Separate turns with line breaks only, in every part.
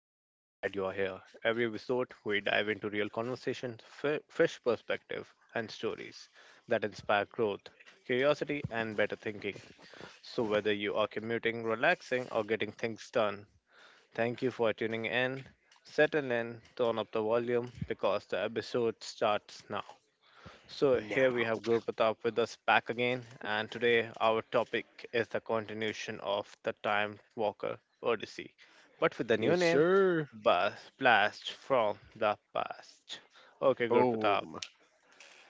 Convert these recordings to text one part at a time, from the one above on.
glad you are here. Every episode, we dive into real conversations, fresh perspective, and stories that inspire growth, curiosity, and better thinking. So whether you are commuting, relaxing, or getting things done, thank you for tuning in. Settle in, turn up the volume because the episode starts now. So here we
Now.
have Guru Pratap with us back again, and today our topic is the continuation of the Time Walker Odyssey, but with the new
Yes,
name,
sir.
Blast from the Past. Okay, Guru Pratap,
Boom.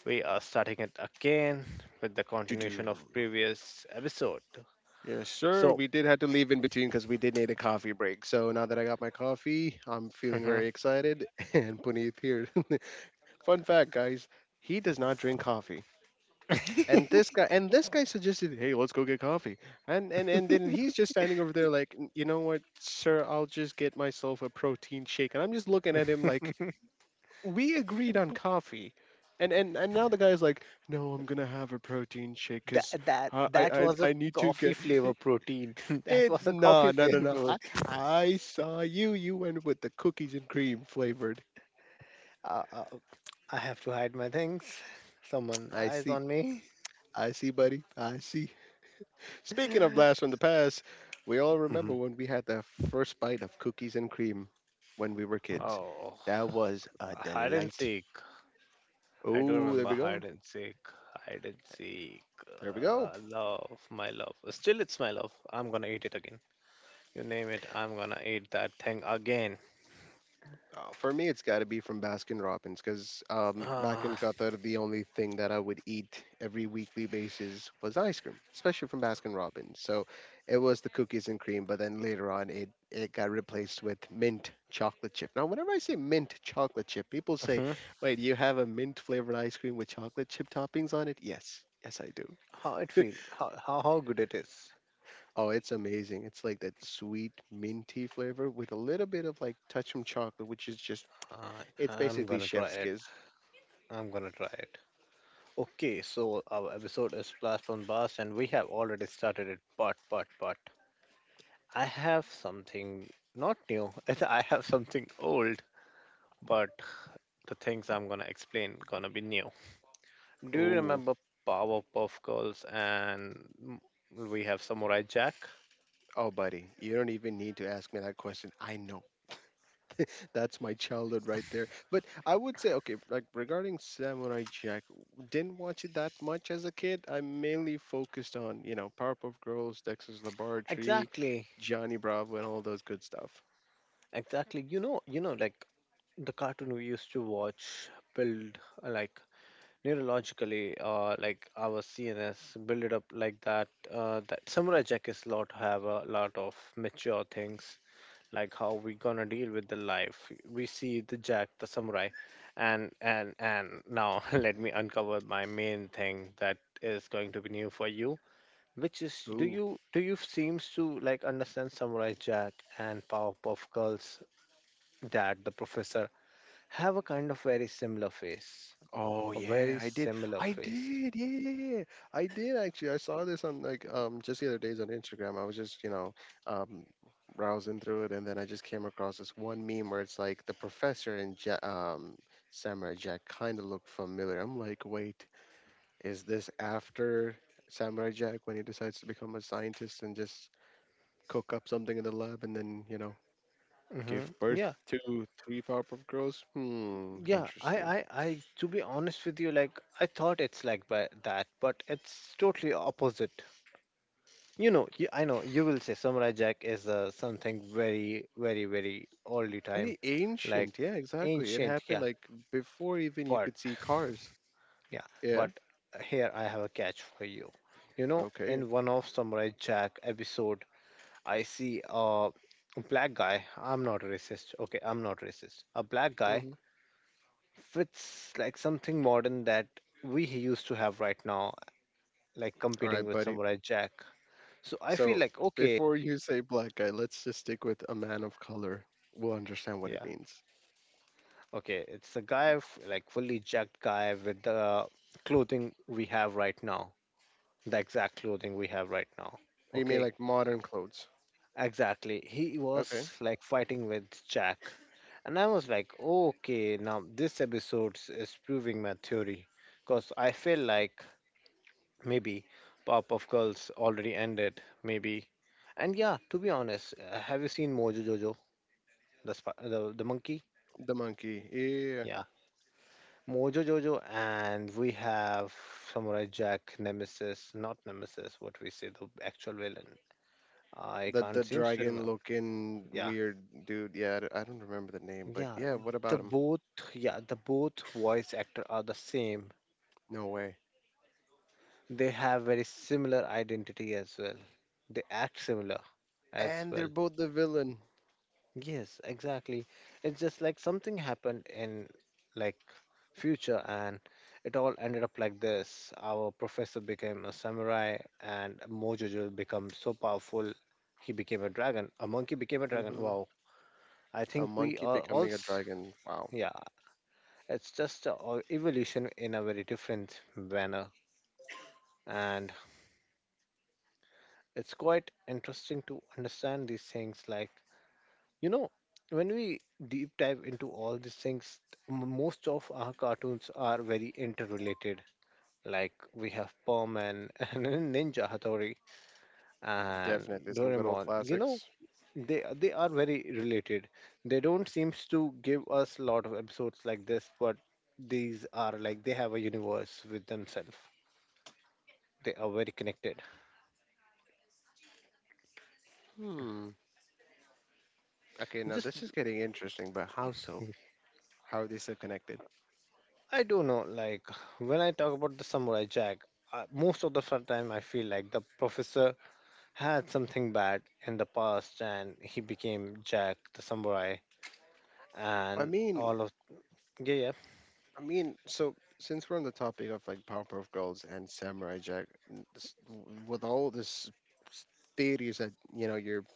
we are starting it again with the
Do
continuation of
do.
previous episode.
Yes, sir.
So
We did have to leave in between because we did need a coffee break. So now that I got my coffee, I'm feeling
mhm,
very excited. And Puneet here. Fun fact, guys. He does not drink coffee. And this guy suggested, hey, let's go get coffee. And then he's just standing over there like, You know what, sir, I'll just get myself a protein shake." And I'm just looking at him like we agreed on coffee. And now the guy's like, no, I'm gonna have a protein shake because
that that
I, I
that
I
was a
I need to
coffee
get
flavor
it.
protein. That was a coffee
No, no, no,
flavor
no. I
protein.
I saw you. You went with the cookies and cream flavored.
Uh, uh, I have to hide my things. Someone
I
eyes
see,
on me.
I see, buddy. I see. Speaking of blast from the past, we all remember
Hmm.
when we had the first bite of cookies and cream when we were kids.
Oh,
That was a
hide and
delight.
seek. I do
Oh, there
remember
we go.
hide and seek. Hide and seek.
There we go.
Love, my love. Still, it's my love. I'm gonna eat it again. You name it, I'm gonna eat that thing again.
For me, it's got to be from Baskin Robbins because back in
Ah.
Qatar, the only thing that I would eat every weekly basis was ice cream, especially from Baskin Robbins. So it was the cookies and cream, but then later on, it got replaced with mint chocolate chip. Now, whenever I say mint chocolate chip, people say,
Mhm.
wait, you have a mint flavored ice cream with chocolate chip toppings on it? Yes. Yes, I do.
How it feels? How good it is?
Oh, it's amazing. It's like that sweet minty flavor with a little bit of like touch from chocolate, which is just
Uh,
it's
I'm
basically
gonna try
chef's
it.
kiss.
I'm gonna try it. Okay, so our episode is Blast from Bars, and we have already started it. But I have something not new. I have something old, but the things I'm gonna explain gonna be new. Do you
Oh,
remember Powerpuff Girls and we have Samurai Jack?
oh, buddy, you don't even need to ask me that question. I know. That's my childhood right there. But I would say, okay, like regarding Samurai Jack, didn't watch it that much as a kid. I mainly focused on, you know, Powerpuff Girls, Dexter's Laboratory,
Exactly,
Johnny Bravo, and all those good stuff.
exactly. You know, like the cartoon we used to watch build like neurologically, like our CNS build it up like that. That Samurai Jack is lot have a lot of mature things like how we gonna deal with the life. We see the Jack the samurai, and and now, let me uncover my main thing that is going to be new for you, which is do
Ooh.
you do you seems to like understand Samurai Jack and Powerpuff Girls that the professor have a kind of very similar face,
Oh
a
yeah,
very
I did.
similar
I
face.
did. Yeah, yeah, yeah, yeah. I did actually. I saw this on like just the other days on Instagram. I was just, you know, um browsing through it and then I just came across this one meme where it's like the professor and ja Samurai Jack kind of look familiar. I'm like, "Wait, is this after Samurai Jack when he decides to become a scientist and just cook up something in the lab and then, you know, give
Mm-hmm. Yeah,
birth to three Powerpuff Girls?" Hmm,
yeah.
interesting.
I. To be honest with you, like I thought it's like by that, but it's totally opposite. You know, you, I know you will say Samurai Jack is something very, very, very oldie time,
Very
like
ancient. Yeah, exactly. It
ancient.
happened
Yeah,
like before even you
but
could see cars.
yeah,
Yeah.
but here I have a catch for you. You know,
Okay.
in one of Samurai Jack episode, I see a black guy. I'm not racist. Okay, I'm not racist. A black guy
Mhm.
fits like something modern that we used to have right now, like
All
competing
right,
with
buddy.
Samurai Jack. So I feel
So
like okay.
before you say black guy, let's just stick with a man of color. We'll understand what it
Yeah.
means.
Okay, it's a guy like fully jacked guy with the clothing we have right now, the exact clothing we have right now.
You mean
Okay,
like modern clothes?
exactly. He
Okay.
was like fighting with Jack, and I was like, okay, now this episode is proving my theory, because I feel like maybe Pop of Girls already ended, maybe. And yeah, to be honest, have you seen Mojo Jojo, the sp- the monkey?
The monkey. Yeah.
Yeah, Mojo Jojo, and we have Samurai Jack, Nemesis, not Nemesis, what we say, the actual villain. I
The
can't
the
seem to
dragon
remember.
looking
Yeah,
weird dude. Yeah, I don't remember the name, but
yeah,
yeah. What
the
about him?
both, yeah, the both voice actor are the same.
No way.
They have very similar identity as well. They act similar as
And
well.
they're both the villain.
Yes, exactly. It's just like something happened in like future and it all ended up like this. Our professor became a samurai and Mojojo became so powerful he became a dragon. A monkey became a dragon.
hmm
Wow. I
A
think we
monkey
are all
becoming a dragon. Wow.
yeah, it's just a evolution in a very different manner, and it's quite interesting to understand these things like, you know, when we deep dive into all these things, most of our cartoons are very interrelated. Like we have Perman and Ninja Hattori and
Definitely some good old
Doraemon. You know,
classics.
they are very related. They don't seems to give us a lot of episodes like this, but these are like they have a universe with themselves. They are very connected.
Hmm. Okay, now
Just
this is getting interesting, but how so? How are they so connected?
I don't know. Like when I talk about the Samurai Jack, most of the fun time I feel like the professor had something bad in the past and he became Jack the Samurai
I
and
mean,
all of yeah,
I mean, so since we're on the topic of like Powerpuff Girls and Samurai Jack, with all s- theories that you're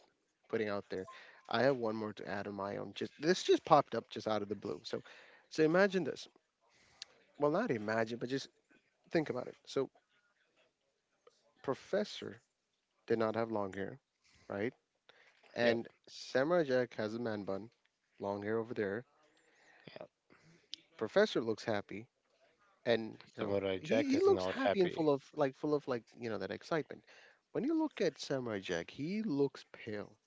putting out there, I have one more to add on my own. Just this just popped up just out of the blue. So, imagine this. Well, not imagine, but just think about it. So, Professor did not have long hair, right?
yep,
And Samurai Jack has a man bun, long hair over there.
yep.
Professor looks happy, and you know
Samurai
he,
Jack
he
is
looks
not
happy and
happy.
full of like you know, that excitement. When you look at Samurai Jack, he looks pale.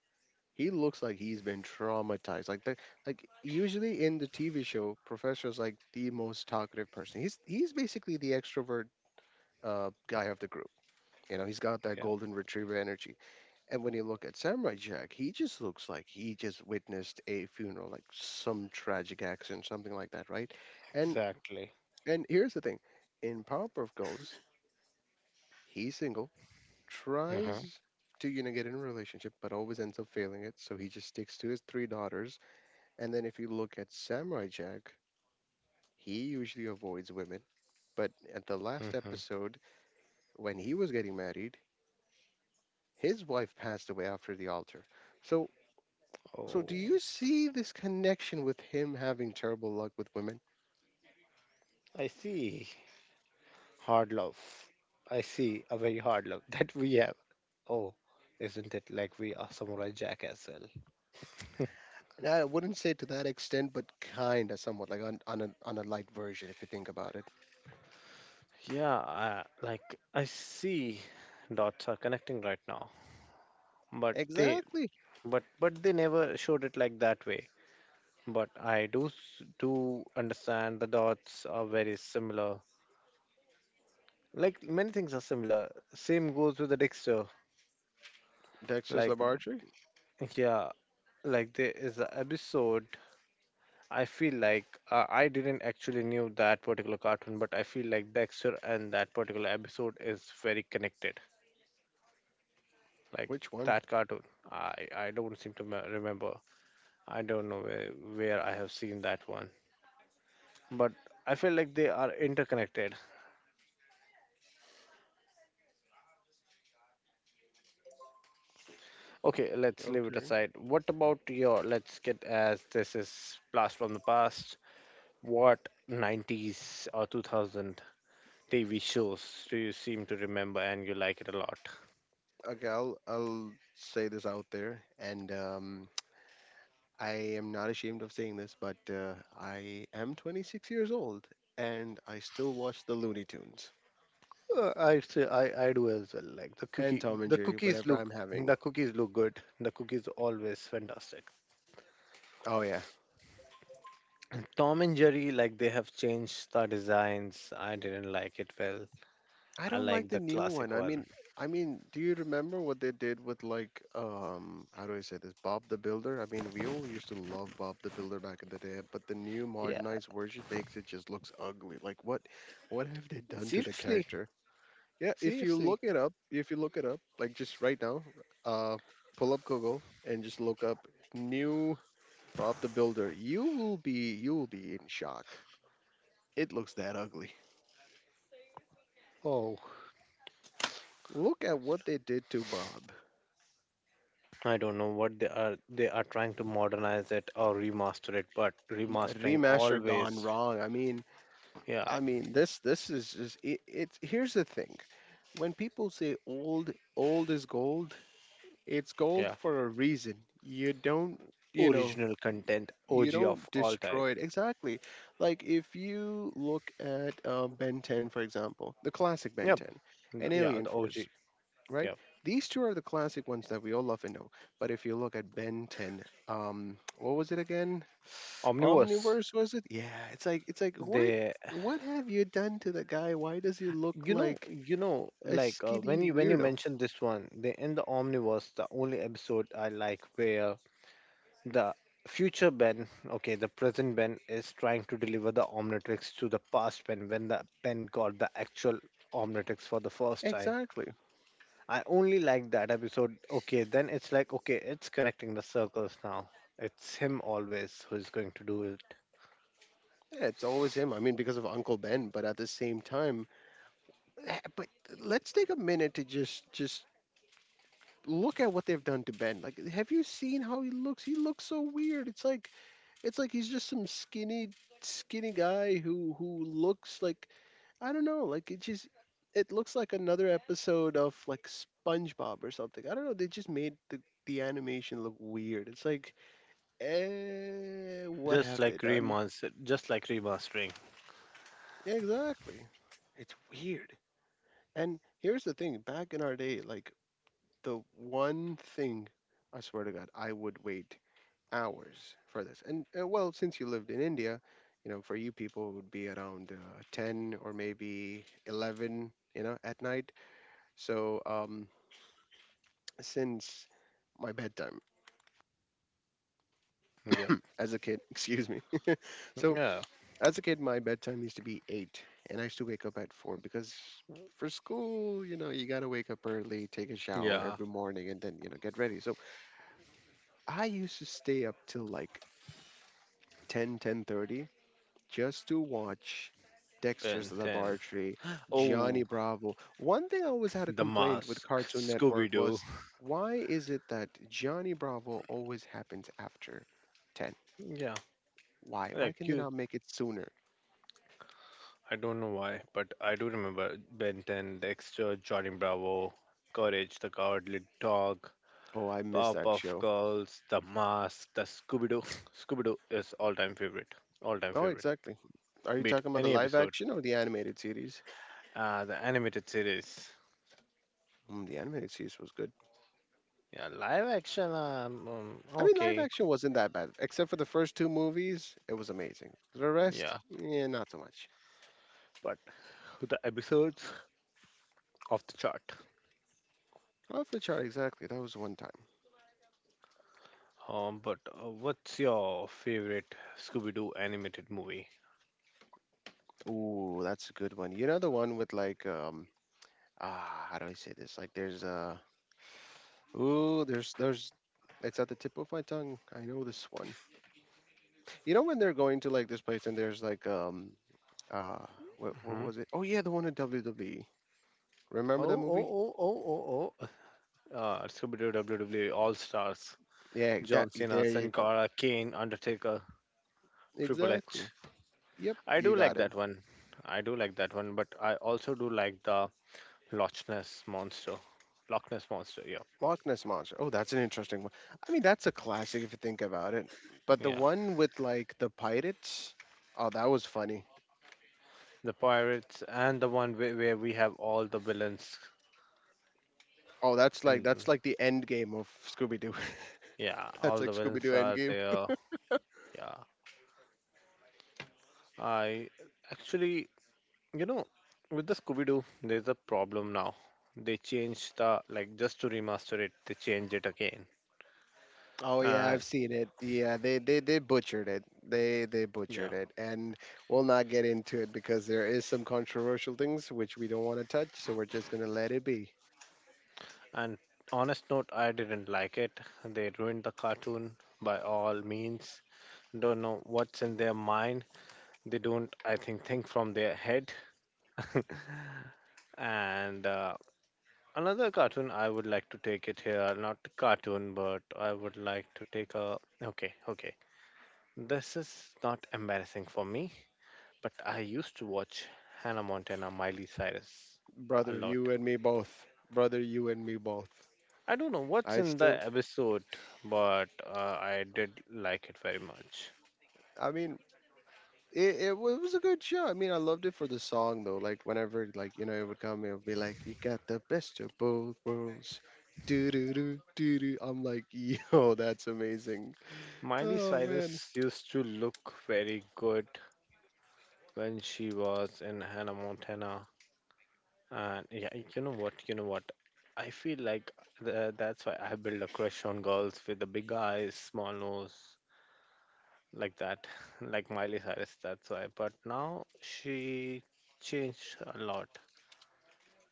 He looks like he's been traumatized. Like the like usually in the TV show, Professor's like the most talkative person. He's basically the extrovert guy of the group. You know, he's got that
Yeah,
golden retriever energy. And when you look at Samurai Jack, he just looks like he just witnessed a funeral, like some tragic accident, something like that, right? and
exactly.
and here's the thing. In Powerpuff Girls, he's single,
Uh-huh.
tries to, you know, get in a relationship, but always ends up failing it. So he just sticks to his three daughters. And then if you look at Samurai Jack, he usually avoids women. But at the last
Mm-hmm.
episode, when he was getting married, his wife passed away after the altar. So,
Oh,
do you see this connection with him having terrible luck with women?
I see. Hard love. I see a very hard love that we have. Oh, isn't it like we are Samurai Jack as well?
And I wouldn't say to that extent, but kind of somewhat, like on a light version, if you think about it.
Yeah, I, like I see dots are connecting right now, but they,
Exactly.
but they never showed it like that way, but I do do understand the dots are very similar. Like many things are similar. Same goes with the Dexter.
Dexter's
Like
Laboratory?
yeah, like there is an episode. I feel like I didn't actually knew that particular cartoon, but I feel like Dexter and that particular episode is very connected. Like
Which one?
that cartoon, I don't seem to remember. I don't know where I have seen that one, but I feel like they are interconnected. Okay, let's leave it
Okay.
aside. What about your, let's get as this is blast from the past, what 90s or 2000 TV shows do you seem to remember and you like it a lot?
Okay, I'll say this out there, and I am not ashamed of saying this, but I am 26 years old, and I still watch the Looney Tunes
I'd say I do as well. Like the
and
cookie,
Tom and Jerry whenever I'm
the
having.
cookies look good. The cookies always fantastic.
Oh yeah,
Tom and Jerry, like they have changed the designs. I didn't like it well.
I
I
don't
like
like the
the
new one.
classic
I
one.
mean, I mean, do you remember what they did with like how do I say this? Bob the Builder? I mean, we all used to love Bob the Builder back in the day, but the new
Yeah.
modernized version makes it just looks ugly. Like what have they done to the
Seriously,
character? Yeah, if you
seriously.
look it up, if you look it up, like just right now, uh pull up Google and just look up new Bob the Builder. You will be in shock. It looks that ugly.
Oh.
Look at what they did to Bob.
I don't know what they are trying to modernize it or remaster it, but
M-
remastering
Remaster gone
always
wrong.
yeah,
I mean this this is just it, it's here's the thing. When people say old is gold, it's gold
yeah.
for a reason. You don't, you know,
Original content,
you
OG
don't
of all time.
destroy it exactly. Like if you look at Ben 10 for example, the classic Ben
Yep.
10 and
Yeah,
Alien
the
Force,
OG.
right?
Yeah.
These two are the classic ones that we all love and know. But if you look at Ben 10, what was it again?
Omniverse.
Omniverse, was it? Yeah, it's like what
They,
what have you done to the guy? Why does he look
you know,
like a
like
skinny
when you
weirdo?
mentioned this one, they in the Omniverse, the only episode I like where the future Ben, okay, the present Ben is trying to deliver the Omnitrix to the past Ben when the Ben got the actual Omnitrix for the first time
Exactly.
I only like that episode. Okay, then it's like, okay, it's connecting the circles now. It's him always who's going to do it.
Yeah, it's always him. I mean, because of Uncle Ben, but at the same time, but let's take a minute to just look at what they've done to Ben. Like, have you seen how he looks? He looks so weird. It's like he's just some skinny guy who looks like I don't know, like it looks like another episode of like SpongeBob or something. I don't know. They just made the animation look weird. It's like, what have
Just
they
like
done?
remaster, just like remastering.
Yeah, exactly. It's weird. And here's the thing. Back in our day, like the one thing, I swear to God, I would wait hours for this. And well, since you lived in India, you know, for you people it would be around 10 or maybe 11, you know, at night. So since my bedtime
Yep.
as a kid, excuse me. so
Yeah.
as a kid, my bedtime used to be 8 and I used to wake up at 4 because for school, you know, you got to wake up early, take a shower
Yeah.
every morning and then, you know, get ready. So I used to stay up till like 10, 10:30, just to watch Dexter's
Ben 10.
Laboratory, Gianni
Oh,
Bravo. One thing I always had a
The
complaint with
Mask.
Cartoon Network
Scooby
was,
Doo.
why is it that Gianni Bravo always happens after 10?
Yeah.
Why? Why
Like
can they
you.
not make it sooner?
I don't know why, but I do remember Ben 10, Dexter, Johnny Bravo, Courage, the Cowardly Dog,
Oh, I miss that
Powerpuff
show.
Girls, The Mask, the Scooby Doo. Scooby Doo is all time favorite. All time
Oh,
favorite.
exactly. Are you
Beat
talking about the
any
live
episode.
action or the animated series?
The animated series.
Mm, the animated series was good.
Yeah, live action.
I mean, live
Okay.
action wasn't that bad, except for the first two movies. It was amazing. The rest,
Yeah,
yeah, not so much.
but the episodes off the chart.
Off the chart, exactly. That was one time.
But what's your favorite Scooby-Doo animated movie?
Ooh, that's a good one. You know the one with like how do I say this? Like there's ooh there's it's at the tip of my tongue. I know this one. You know when they're going to like this place and there's like uh what
Hmm.
was it? Oh yeah, the one in WWE. Remember
Oh,
that
oh,
movie?
oh, oh, oh, oh. Scooby-Doo WWE All Stars.
Yeah, that,
John Cena,
there you
Sin
go.
Cara, Kane, Undertaker, Triple H.
Exactly. Yep,
I
you
do
got
like
it.
that one. I do like that one, but I also do like the Loch Ness Monster. Loch Ness Monster, yeah.
Loch Ness Monster. Oh, that's an interesting one. I mean, that's a classic if you think about it. But the
Yeah,
one with like the pirates, oh, that was funny.
the pirates and the one where we have all the villains
Oh, that's like
in,
that's like the end game of Scooby Doo.
yeah,
That's
all
like
the
Scooby Doo
villains
end
are
game.
there, yeah. I actually, you know, with the Scooby-Doo there's a problem now. They changed the, like, just to remaster it, they changed it again,
Oh yeah, I've
and
seen it. Yeah, they butchered it. They butchered
yeah,
it, and we'll not get into it because there is some controversial things which we don't want to touch. So we're just gonna let it be,
and honest note, I didn't like it. They ruined the cartoon by all means. Don't know what's in their mind. They don't, I think from their head. And another cartoon I would like to take it here, not cartoon, but I would like to take a. Okay, okay. This is not embarrassing for me, but I used to watch Hannah Montana, Miley Cyrus a
brother.
lot.
You and me both, brother. You and me both.
I don't know what's
I
in the
still,
episode, but I did like it very much.
I mean, it was a good show. I mean, I loved it for the song though. Like whenever like it would come, it would be like, "You got the best of both worlds." Do do do do do. I'm like, yo, that's amazing.
Miley
Oh man.
Cyrus used to look very good when she was in Hannah Montana. And yeah, you know what? You know what? I feel like that's why I build a crush on girls with the big eyes, small nose, like that, like Miley Cyrus. That's why. But now she changed a lot.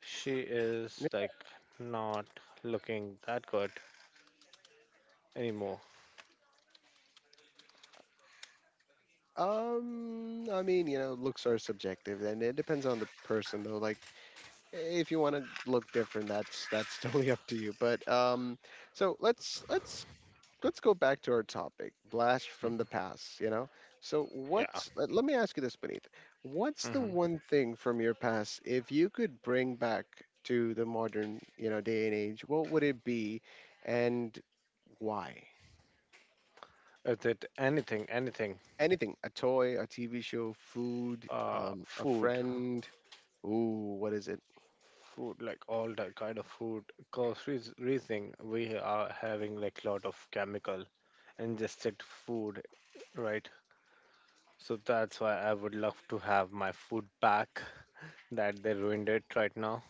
She
Yeah,
is like not looking that good anymore.
I mean, looks are subjective, and it depends on the person though. Like, if you want to look different, that's totally up to you. But so let's go back to our topic, blast from the past. So
Yeah.
let me ask you this, Beneath, what's the
Hmm.
one thing from your past if you could bring back to the modern day and age? What would it be, and why?
Is it anything? Anything?
Anything. A toy, a TV show, food, a
Food,
friend. Ooh, what is it?
food like all that kind of food. Cause reasoning we are having like lot of chemical, and just checked food, right? So that's why I would love to have my food back that they ruined it right now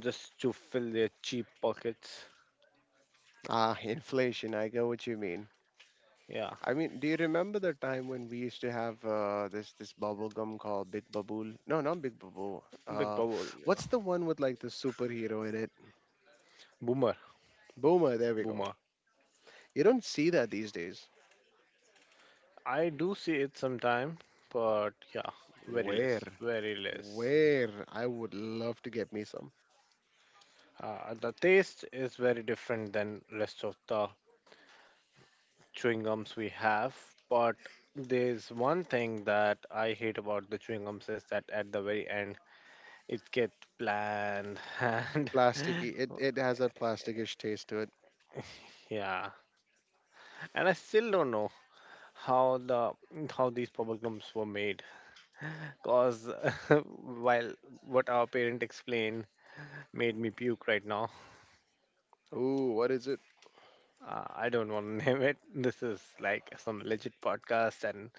just to fill their cheap pockets.
Ah, inflation, I know what you mean.
Yeah,
I mean, do you remember the time when we used to have this bubble gum called Big Babool? No, not Big Babool.
big bubble. Yeah.
What's the one with like the superhero in it?
Boomer,
Boomer. There we go.
boomer.
You don't see that these days.
I do see it sometime, but yeah, very less,
Where?
very less.
Where I would love to get me some
The taste is very different than rest of the chewing gums we have, but there's one thing that I hate about the chewing gums is that at the very end it get planned and
plasticky. It has a plasticish taste to it.
yeah, and I still don't know how the how these problems were made, cause while what our parent explained made me puke right now.
Ooh, what is it?
I don't want to name it. This is like some legit podcast and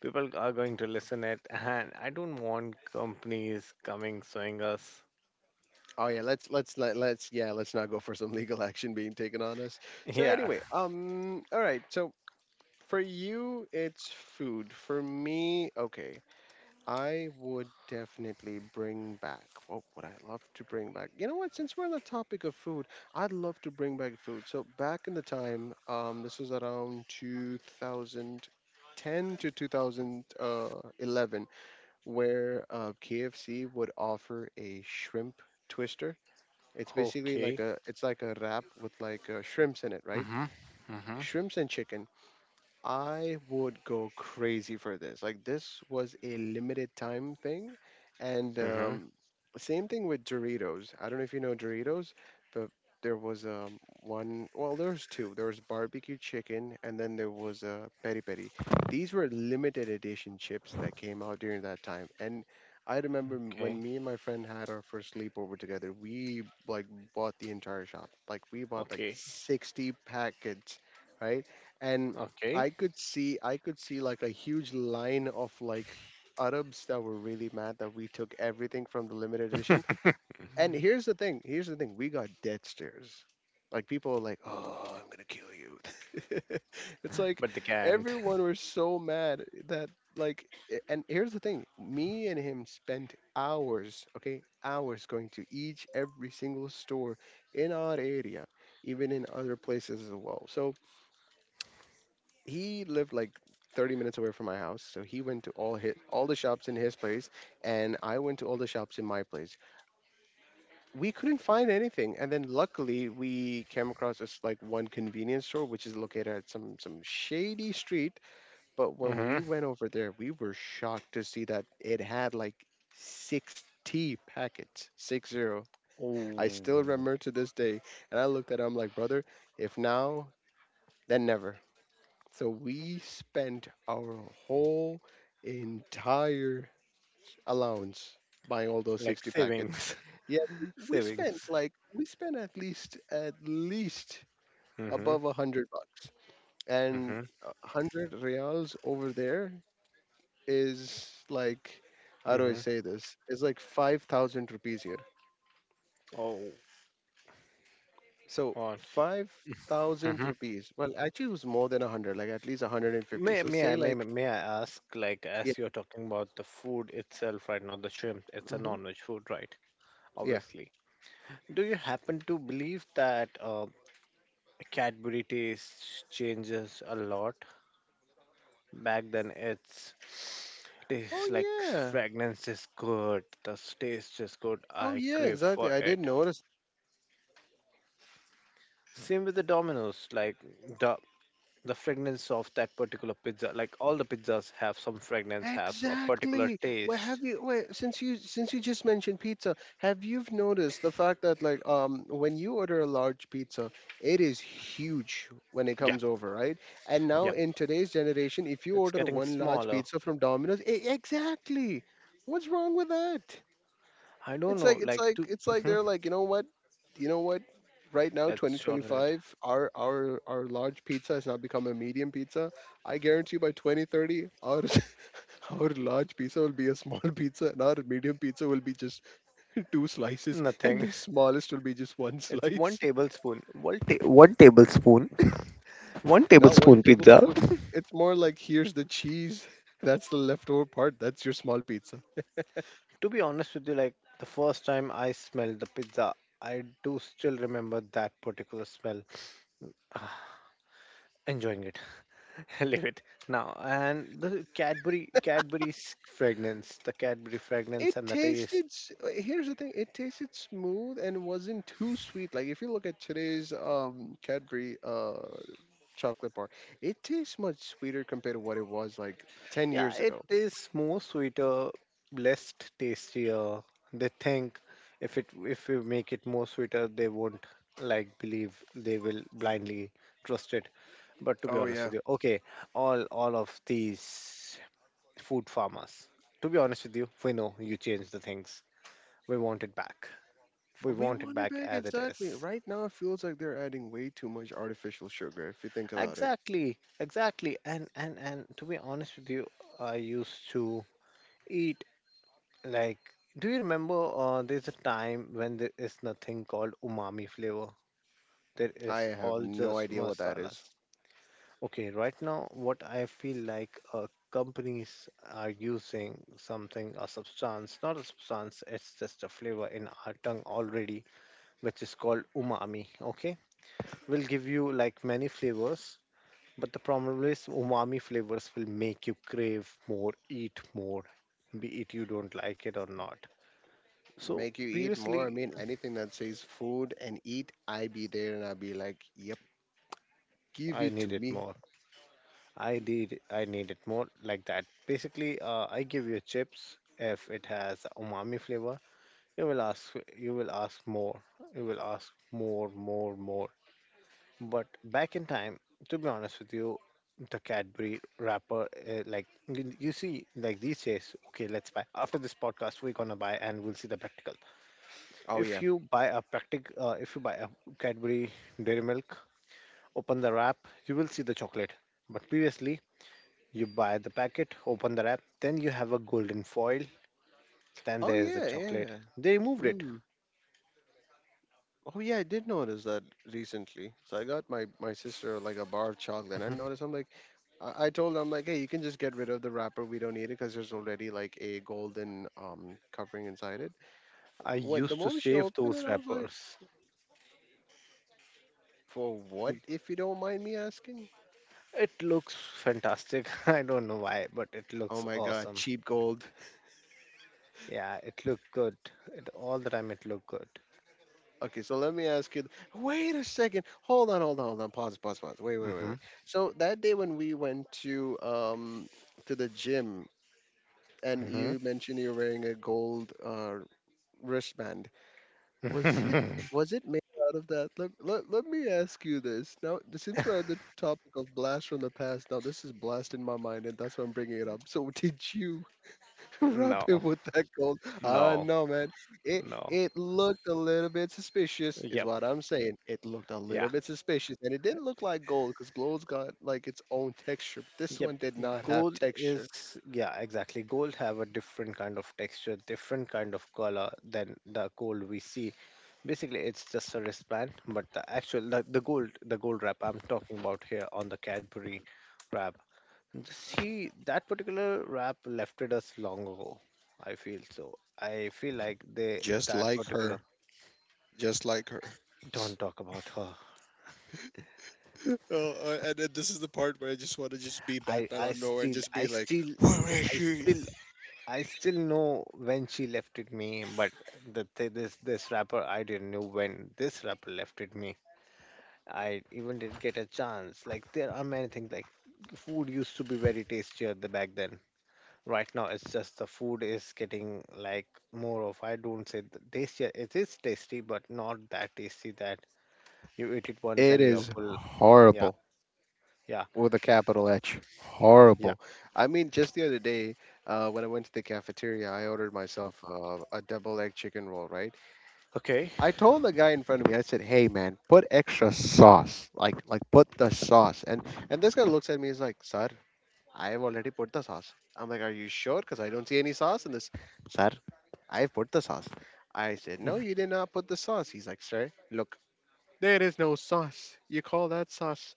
people are going to listen it, and I don't want companies coming suing us.
Oh yeah, let's let, let's yeah, let's not go for some legal action being taken on us. So
Yeah.
anyway, all right. So for you, it's food. For me, okay. I would definitely bring back. What would I love to bring back? You know what? Since we're on the topic of food, I'd love to bring back food. So back in the time, this was around 2010 to 2011, where KFC would offer a shrimp twister. It's basically like
Okay.
a it's like a wrap with like shrimps in it, right?
Mm-hmm. Mm-hmm.
Shrimps and chicken. I would go crazy for this. Like this was a limited time thing, and
Mm-hmm.
same thing with Doritos. I don't know if you know Doritos, but there was one. Well, there was two. There was barbecue chicken, and then there was peri peri. These were limited edition chips that came out during that time. And I remember
Okay.
when me and my friend had our first sleepover together. We like bought the entire shop. Like we bought like
Okay.
60 packets, right? And
Okay.
I could see like a huge line of like Arabs that were really mad that we took everything from the limited edition. And here's the thing, we got death stares. Like people were like, "Oh, I'm gonna kill you." It's like
But they can't.
everyone was so mad that like, and here's the thing, me and him spent hours, okay, hours going to each every single store in our area, even in other places as well. So he lived like 30 minutes away from my house, so he went to all all the shops in his place, and I went to all the shops in my place. We couldn't find anything, and then luckily we came across this like one convenience store which is located at some shady street. But when
Hmm.
we went over there, we were shocked to see that it had like 60 packets. 60. I still
Oh,
remember to this day. And I looked at him like, brother, if now, then never. So we spent our whole entire allowance buying all those
like
60 packets.
savings.
Yeah, we spent
Savings.
like we spent at least,
Hmm.
above 100 bucks. And
Hmm.
100 reals over there is like, how do I
Hmm.
say this? It's like 5,000 rupees here.
Oh,
So
on.
5,000
Hmm.
rupees. Well, actually, it was more than 100, like at least 150.
May
So
may
say
I may,
like,
may may I ask, like,
yeah.
as you're talking about the food itself right now, the shrimp, it's a
Hmm.
non-veg food, right?
Yeah.
Obviously. Do you happen to believe that Cadbury taste changes a lot? Back then, it's
Oh
tastes like
yeah,
fragrance is good, the taste is good.
Oh
I
yeah,
crave
exactly.
for
I did
it.
notice.
Same with the Domino's, like the the fragrance of that particular pizza. Like all the pizzas have some fragrance, have a particular
Exactly. Where
taste.
have you? Wait, since you just mentioned pizza, have you noticed the fact that like when you order a large pizza, it is huge when it
Yep,
comes over, right? And now
yep.
in today's generation, if you
It's
order
getting
one large
smaller.
pizza from Domino's, exactly. What's wrong with that?
I don't
It's like
know,
it's
like
like
to
it's like they're like, you know what? You know what? Right now,
let's shorten it.
2025, our large pizza has now become a medium pizza. I guarantee by 2030, our our large pizza will be a small pizza, and our medium pizza will be just two slices, and
Nothing.
the smallest will be just one
It's one
slice.
tablespoon. One tablespoon. One
Now, one
tablespoon pizza.
tablespoon. It's more like, here's the cheese. That's the leftover part. That's your small pizza.
To be honest with you, like the first time I smelled the pizza, I do still remember that particular smell. Ah, enjoying it. Leave it now. And the Cadbury's fragrance, the Cadbury fragrance
It
and the taste.
tasted. Here's the thing. It tasted smooth and wasn't too sweet. Like if you look at today's Cadbury chocolate bar, it tastes much sweeter compared to what it was like ten
Yeah,
years
it
ago.
is more sweeter, less tastier. They think if we make it more sweeter, they won't like believe, they will
Ye-
blindly trust it. But to be
Oh
honest
yeah.
with you, okay, all of these food farmers. To be honest with you, we know you changed the things. We want it back. We
We
want it
want it
back
back,
as it
exactly.
is.
Right now it feels like they're adding way too much artificial sugar if you think about it.
Exactly, exactly. And to be honest with you, I used to eat like. Do you remember? There's a time when there is nothing called umami flavor. There
I
is
have
all
no
just
idea what that is.
masalas. Okay, right now, what I feel like companies are using something, a substance, not a substance, it's just a flavor in our tongue already, which is called umami. Okay, will give you like many flavors. But the problem is, umami flavors will make you crave more, eat more, be it you don't like it or not. So
Make you eat
previously,
more. I mean, anything that says food and eat, I be there and I be like, "Yep, give
I
it to
needed
me."
more. I did. I needed more like that. Basically, I give you chips if it has umami flavor. You will ask. You will ask more. You will ask more, more, more. But back in time, to be honest with you, the Cadbury wrapper, like you see, like these days, okay, let's buy. After this podcast, we're gonna buy, and we'll see the practical.
Oh
If
yeah.
you buy a practic, If you buy a Cadbury Dairy Milk, open the wrap, you will see the chocolate. But previously, you buy the packet, open the wrap, then you have a golden foil, then
Oh
there is the
yeah,
chocolate.
yeah.
They removed it.
Mm. Oh yeah, I did notice that recently. So I got my sister like a bar of chocolate. And I noticed. I'm like, I told her, I'm like, hey, you can just get rid of the wrapper. We don't need it because there's already like a golden covering inside it.
I
When the
used to
moment she
save
opened it,
those
I was like,
wrappers.
for what? If you don't mind me asking.
It looks fantastic. I don't know why, but it looks
Oh my god,
awesome.
cheap gold.
Yeah, it looked good. It all the time it looked good.
Okay, so let me ask you. Wait a second. Hold on, hold on, hold on. Pause, pause, pause. Wait, wait, wait,
Mhm.
wait. So that day when we went to the gym and you mentioned you're wearing a gold wristband. Was it
Mhm.
was it made out of that? Let me ask you this. Now, since we're at the topic of blast from the past, now this is blast in my mind, and that's why I'm bringing it up. So, did you wrap
No.
it with that gold? Ah,
No.
no, man. It
No.
it looked a little bit suspicious, is
Yep.
what I'm saying. It looked a
Yeah.
little bit suspicious, and it didn't look like gold because gold's got like its own texture. This
Yep.
one did not have
Gold is,
texture.
yeah, exactly. Gold have a different kind of texture, different kind of color than the gold we see. Basically, it's just a wristband, but the actual the gold, the gold wrap I'm talking about here on the Cadbury wrap. See, that particular rap left us long ago. I feel so. I feel like they
Just
that
like
particular
her. Just like her.
don't talk about her.
Oh, and then this is the part where I just want to just be
I
Batman
I
out of nowhere and
still
just
I
be like,
still
"Where is
I
she?"
still I still know when she left it me, but the thi- this rapper, I didn't know when this rapper left it me. I even didn't get a chance. Like there are many things like food used to be very tastier the back then. Right now it's just the food is getting like more of, I don't say tasty, it is tasty but not that tasty that you eat it once
It
and you are
is
full. Yeah,
horrible
yeah,
with a capital H.
yeah.
Horrible. I mean, just the other day, when I went to the cafeteria, I ordered myself a double egg chicken roll, right?
Okay.
I told the guy in front of me, I said, "Hey, man, put extra sauce. Put the sauce." And this guy looks at me, he's like, "Sir, I've already put the sauce. I'm like, are you sure? Because I don't see any sauce in this. Sir, I put the sauce. I said, no, you did not put the sauce. He's like, sir, look, there is no sauce. You call that sauce?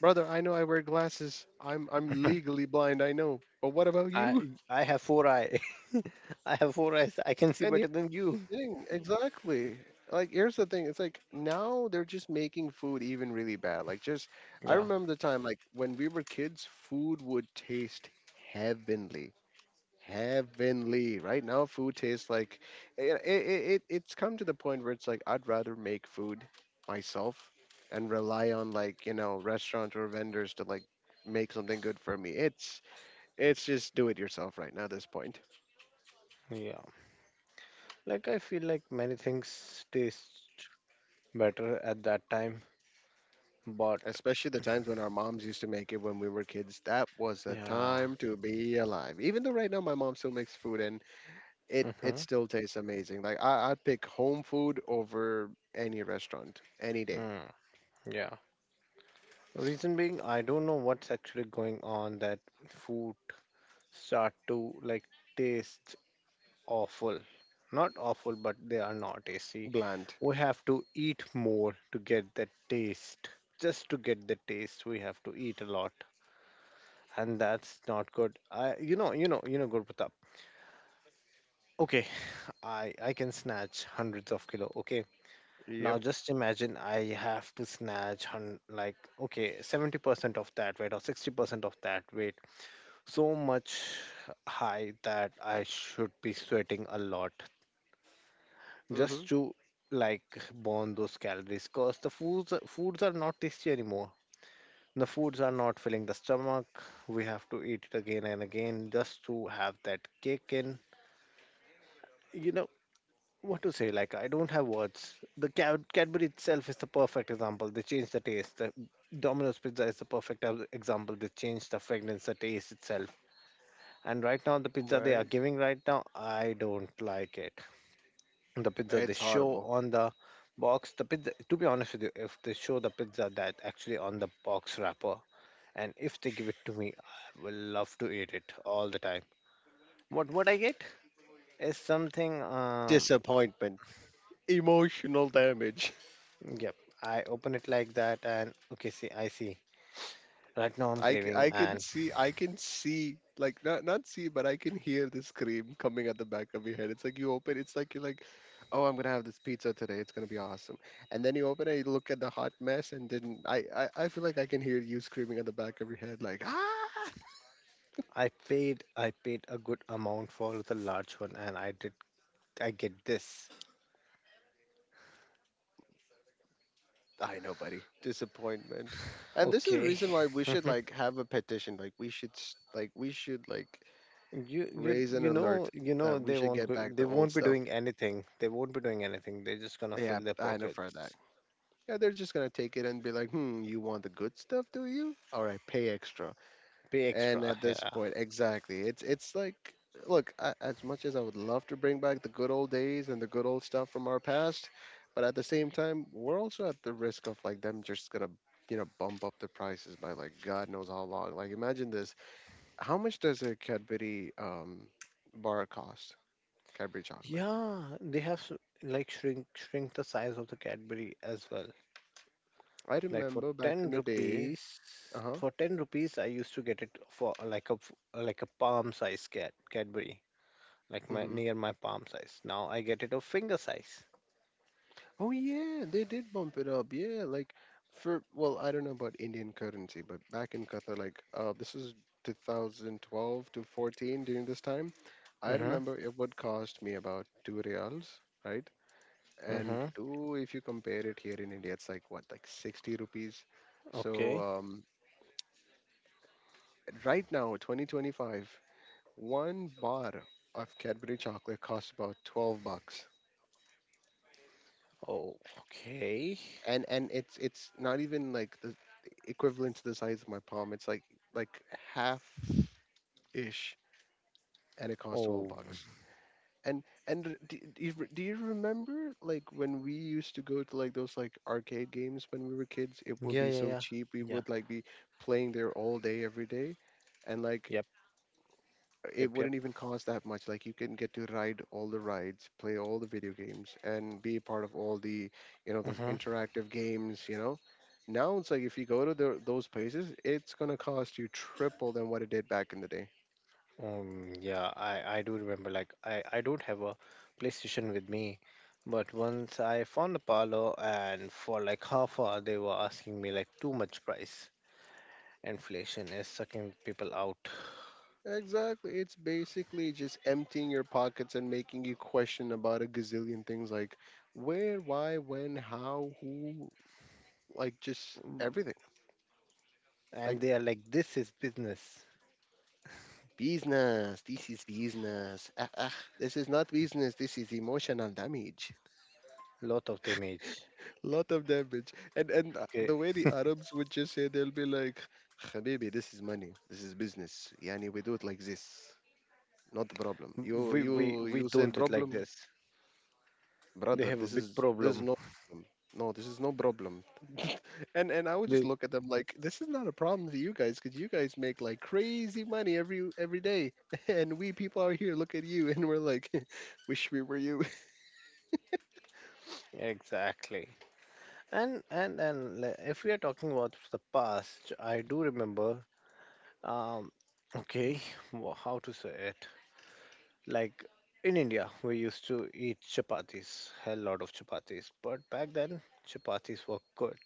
Brother, I know I wear glasses. I'm legally blind, I know. But what about
i
you?
i have four eye. I have four eyes, I can see
And here's
better than
the
you.
thing, exactly. Like here's the thing, it's like now they're just making food even really bad. Like just, I
Yeah,
remember the time like when we were kids, food would taste heavenly, heavenly. Right now, food tastes like it's come to the point where it's like I'd rather make food myself and rely on like restaurant or vendors to like make something good for me. It's just do it yourself right now at this point.
yeah, like I feel like many things taste better at that time, but
Especially the times when our moms used to make it when we were kids. That was a
yeah.
time to be alive. Even though right now my mom still makes food and it
Mm-hmm.
still tastes amazing. Like I'd pick home food over any restaurant any day.
Mm, yeah, reason being I don't know what's actually going on that food start to like taste awful. Not awful, but they are not tasty.
Bland.
We have to eat more to get the taste. Just to get the taste, we have to eat a lot, and that's not good. I, you know, Gurpatap. Okay, I can snatch hundreds of kilo. Okay,
Yep.
now just imagine I have to snatch hun like okay 70% of that weight or 60% of that weight. So much high that I should be sweating a lot.
Hmm.
Just to like burn those calories, because the foods are not tasty anymore, the foods are not filling the stomach. We have to eat it again and again just to have that kick in. You know what to say, like I don't have words. The cadbury itself is the perfect example, they changed the taste. The domino's pizza is the perfect example, they changed the fragrance, the taste itself. And right now the pizza they are
Right.
giving right now, I don't like it. The pizza they
It's
show
horrible.
on the box, the pizza, to be honest with you, if they show the pizza that actually on the box wrapper, and if they give it to me, I will love to eat it all the time. What would I get is something, um,
Disappointment. Emotional damage.
yep, I open it like that and okay, see I see right now I'm craving. And
I can see, like, not, see, but I can hear the scream coming at the back of your head. It's like you open, it's like you're like, oh, I'm going to have this pizza today. It's going to be awesome. And then you open it, you look at the hot mess, and then I feel like I can hear you screaming at the back of your head, like, ah!
I paid a good amount for the large one, and I did I get this.
I know, buddy. Disappointment. And this is the
Okay.
reason why we should like have a petition. Like we should like we should like
you you
raise an
you know,
alert
you know
that we
they
should
won't
get
go,
back
they
the old
won't be
stuff.
doing anything, they won't be doing anything they're just gonna
Yeah,
fill their
I know for that.
pockets.
Yeah, they're just gonna take it and be like, hmm, you want the good stuff, do you? All right, pay extra.
Pay
And
extra,
at this
yeah.
point, exactly, it's like, look, I, as much as I would love to bring back the good old days and the good old stuff from our past, but at the same time, we're also at the risk of like them just gonna. You know, bump up the prices by like God knows how long. Like, imagine this: how much does a Cadbury bar cost? Cadbury chocolate.
Yeah, they have like shrink, shrink the size of the cadbury as well.
I
Like for
remember back
10
in the day.
rupees,
Uh huh.
for 10 rupees I used to get it for like a like a palm size cat cadbury. Like my
Hmm.
near my palm size, now I get it a finger size.
Oh yeah, they did bump it up. Yeah, like for well, I don't know about Indian currency, but back in Qatar, like this is 2012 to 14 during this time. I
Mm-hmm.
remember it would cost me about two reals, right? And
Mm-hmm.
two, if you compare it here in India, it's like what, like 60 rupees. So
Okay.
right now, 2025, one bar of Cadbury chocolate costs about 12 bucks.
Oh. Okay.
And it's not even like the equivalent to the size of my palm. It's like half ish, and it costs twelve
Oh
bucks. And do you do you remember like when we used to go to like those like arcade games when we were kids? It would
yeah,
be
yeah,
so
yeah,
cheap. We
yeah.
would like be playing there all day every day, and like
Yep,
it
yep, yep.
wouldn't even cost that much. Like you can get to ride all the rides, play all the video games, and be a part of all the, you know, those
Hmm.
interactive games. You know, now it's like if you go to the, those places, it's gonna cost you triple than what it did back in the day.
Yeah, I do remember. Like, I don't have a PlayStation with me, but once I found a parlor, and for like half hour, they were asking me like too much price. Inflation is sucking people out.
Exactly. It's basically just emptying your pockets and making you question about a gazillion things like where, why, when, how, who, like just
Mm,
everything.
and
Like
they are like, this is business.
business. This is business. Ah, ah, this is not business. This is emotional damage.
Lot of damage.
Lot of damage. And
Okay,
the way the Arabs would just say, they'll be like, "Habibi, this is money. This is business. Yani, we do it like this. Not a problem. You
we we
you
we
you say
don't it like
problem.
this. They
Brother,
have a big
this is
problem.
no problem. No, this is no problem." And I would just
They
look at them like, this is not a problem to you guys because you guys make like crazy money every day. And we people out here look at you and we're like, wish we were you.
exactly. And like, if we are talking about the past, I do remember. Um, okay, how to say it? Like in India, we used to eat chapatis, a lot of chapatis, but back then chapatis were good.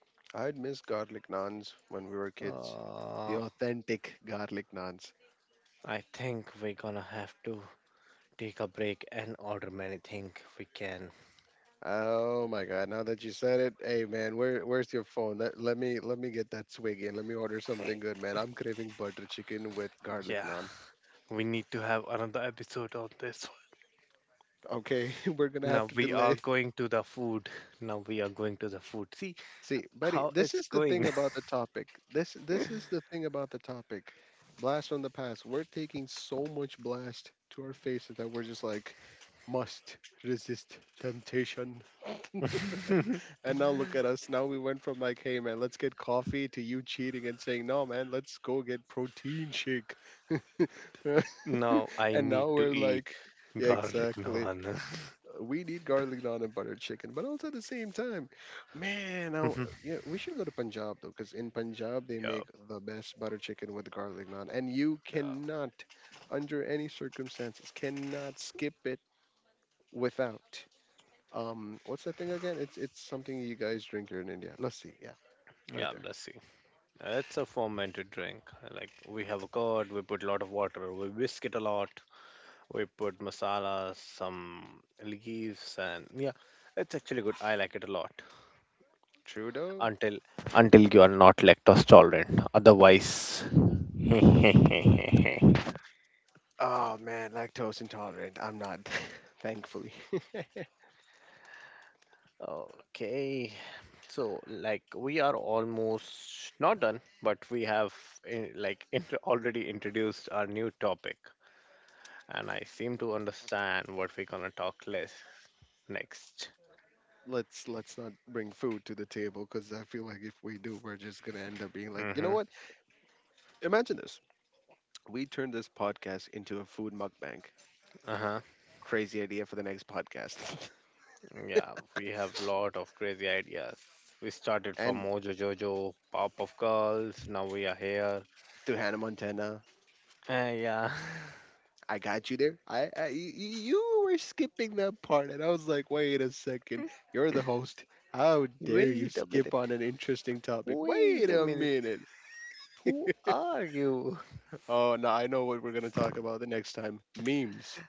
I'd miss garlic naans when we were kids, the
Uh,
authentic garlic naans.
I think we're gonna have to take a break and order many things we can.
Oh my god, now that you said it, hey man, where's your phone? Let me get that swig in, let me order something good, man. I'm craving butter chicken with garlic
Yeah,
naan.
we need to have another episode on this one.
Okay, we're gonna have
Now
to
we are
delay.
going to the food. Now we are going to the food. See
See, buddy,
how
this
it's
is the thing
going.
about the topic. This is the thing about the topic. Blast from the past. We're taking so much blast to our faces that we're just like must resist temptation. And now look at us. Now we went from like, hey man, let's get coffee to you cheating and saying, no man, let's go get protein shake.
Now I
And now
need to
we're
eat
like, yeah,
garlic
exactly.
naan.
We need garlic naan and butter chicken, but also at the same time, man, I, yeah, we should go to Punjab, though, because in Punjab they
Yeah,
make the best butter chicken with garlic naan, and you
yeah,
cannot, under any circumstances, cannot skip it without. What's that thing again? It's something you guys drink here in India. Lassi, yeah, right
yeah,
there.
lassi. It's a fermented drink. Like we have a curd, we put a lot of water, we whisk it a lot, we put masala, some leaves, and yeah, it's actually good. I like it a lot.
Trudeau.
Until until you are not lactose tolerant, otherwise.
Oh man, lactose intolerant. I'm not, thankfully.
Okay, so like we are almost not done, but we have in, like in, already introduced our new topic. And I seem to understand what we're gonna talk less next.
Let's not bring food to the table, because I feel like if we do, we're just gonna end up being like, you know
Mm-hmm.
what? Imagine this. We turn this podcast into a food mukbang.
Uh-huh.
Crazy idea for the next podcast.
Yeah, we have lot of crazy ideas. We started from
And
Mojo Jojo, Pop of Girls, now we are here.
to Hannah Montana,
Yeah.
I got you there. I, you were skipping that part, and I was like, wait a second. You're the host. How dare you
Wait a
skip
minute.
on an interesting topic?
Wait
Wait
a
a
minute.
minute.
Who are you?
Oh no, I know what we're gonna talk about the next time. Memes.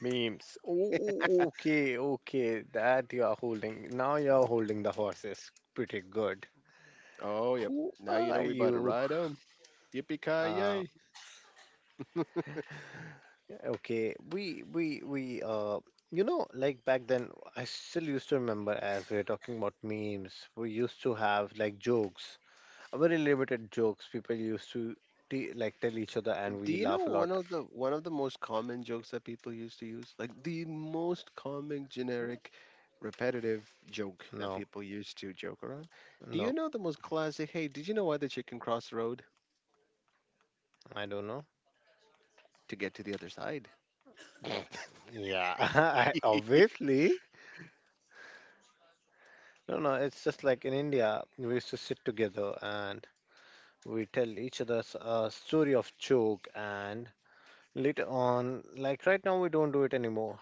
Memes. Oh, oh, okay, okay. That you are holding. Now you are holding the horses. Pretty good.
Oh yep.
Who
Now you
are
know we about to
you?
ride 'em. Yippee ki
Uh,
yay!
Okay, we you know like back then I still used to remember, as we were talking about memes, we used to have like jokes. Very limited jokes people used to t like tell each other, and
Do
we
you know
laugh a lot.
one of the most common jokes that people used to use? Like the most common generic repetitive joke that
No,
people used to joke around. Do you
no,
know the most classic, hey, did you know why the chicken crossed the road?
I don't know.
To get to the other side.
Yeah, I, obviously no, no, it's just like in India we used to sit together and we tell each other a story of joke, and later on like right now we don't do it anymore.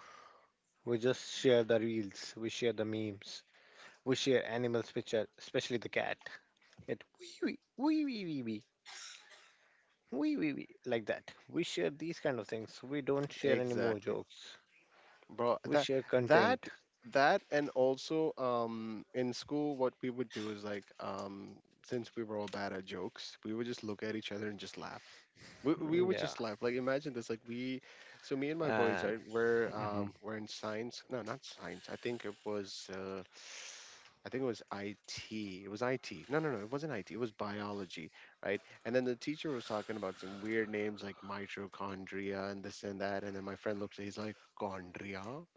We just share the reels, we share the memes, we share animals, which are especially the cat. It wee wee wee wee wee wee wee wee wee like that. We share these kind of things. We don't share any more
Exactly.
jokes.
Bro,
We
that
share
that
content.
that and also in school what we would do is like since we were all bad at jokes, we would just look at each other and just laugh. We
Mm,
would
yeah,
just laugh. Like imagine this like we so me and my boys,
and
right,
hmm.
we're in science. No, not science. I think it was I think it was IT. It was IT. No, it wasn't IT. It was biology, right? And then the teacher was talking about some weird names like mitochondria and this and that. And then my friend looks at, he's like, Chondria?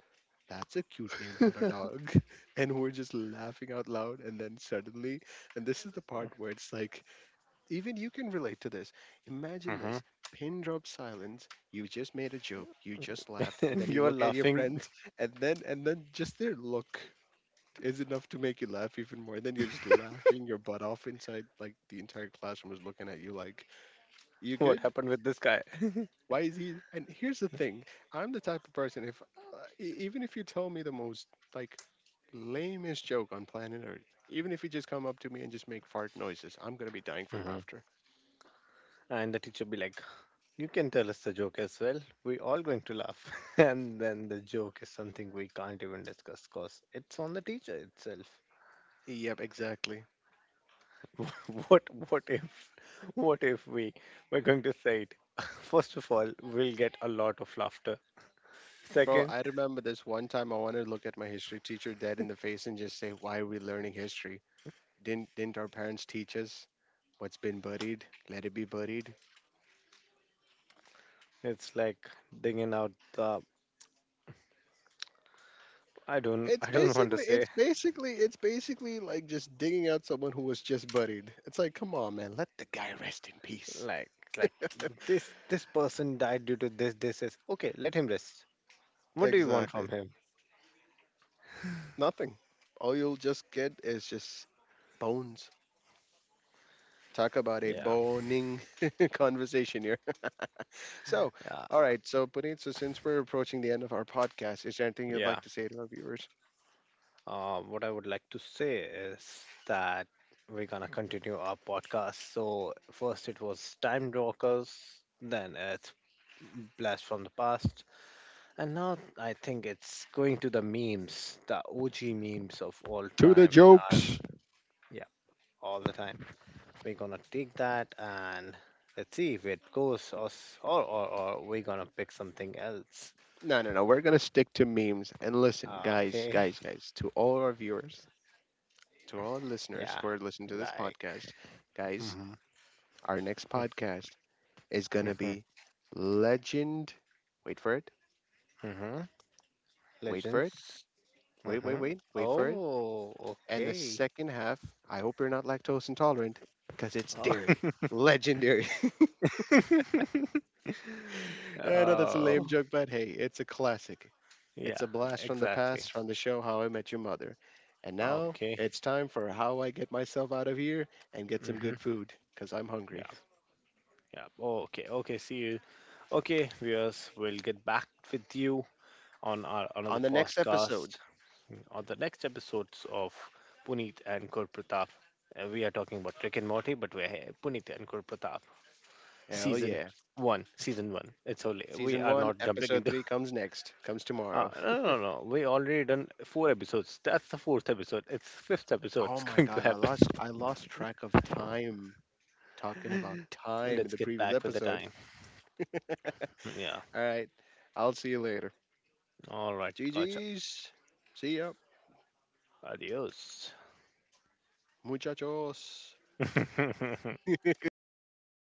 That's a cute name for a dog. And we're just laughing out loud. And then suddenly, and this is the part where it's like, even you can relate to this. Imagine
Hmm.
this: pin drop silence. You just made a joke. You just laughed.
And
And then
you
you
are
look at your
laughing.
friends. And then just their look is enough to make you laugh even more. Then you're just laughing your butt off inside. Like the entire classroom is looking at you like, you
What
good?
happened with this guy?
Why is he? And here's the thing: I'm the type of person, if even if you tell me the most like lamest joke on planet Earth, even if you just come up to me and just make fart noises, I'm gonna be dying from
Hmm.
laughter.
And the teacher be like, "You can tell us the joke as well. We all going to laugh." And then the joke is something we can't even discuss because it's on the teacher itself.
Yep, exactly.
What what if what if we were going to say it? First of all, we'll get a lot of laughter.
Bro,
Second,
I remember this one time I wanted to look at my history teacher dead in the face and just say, "Why are we learning history? Didn't our parents teach us what's been buried? Let it be buried."
it's like digging out the, I don't want to say,
It's basically like just digging out someone who was just buried. It's like, come on, man, let the guy rest in peace.
like this person died due to this, this is okay, let him rest. What do you want from
Exactly.
him?
Nothing. All you'll just get is just bones. Talk about a
Yeah.
boning conversation here. So,
Yeah.
all right. So, Puneet, so since we're approaching the end of our podcast, is there anything you'd
Yeah.
like to say to our viewers?
What I would like to say is that we're gonna continue our podcast. So first it was Time Rockers, then it's blast from the past. And now I think it's going to the memes, the OG memes of all
To the
time in our,
jokes.
yeah, all the time. We're gonna take that and let's see if it goes or, s- or we're gonna pick something else.
No, no, no. We're gonna stick to memes. And listen,
Okay,
guys, to all our viewers, to all our listeners
yeah,
who are listening to this
like,
podcast. Guys,
hmm.
our next podcast is going to
Hmm.
be Legend. Wait for it.
Hmm.
Wait for it.
Legends. Hmm.
Wait for it.
Oh,
And the
okay.
second half, I hope you're not lactose intolerant because it's dairy.
Oh.
Legendary. I know that's a
Oh,
lame joke, but hey, it's a classic.
yeah,
It's a blast from the
exactly.
past from the show How I Met Your Mother. And now
Okay.
it's time for how I get myself out of here and get some
Mm-hmm.
good food because I'm
Yeah.
hungry.
Yeah. Okay. Okay. See you. Okay, viewers. We'll get back with you on our another
On the next
podcast,
episode,
mm, on the next episodes of Puneet and Kurpratap. We are talking about Rick and Morty, but we're here, Puneet and Kurpratap,
hell
season
yeah.
one. Season one. It's only we
Season
are
one,
not jumping
episode
into.
three comes next, comes tomorrow.
No, no, no. We already done four episodes. That's the fourth episode. It's fifth episode. It's
Oh my
going to
god,
happen.
I lost track of time talking about time
Let's
in the
get
previous
back with the
episode.
time. Yeah.
Alright, I'll see you later.
All right. Gotcha.
GG's. See ya,
Adios.
muchachos.
Yeah.
you had to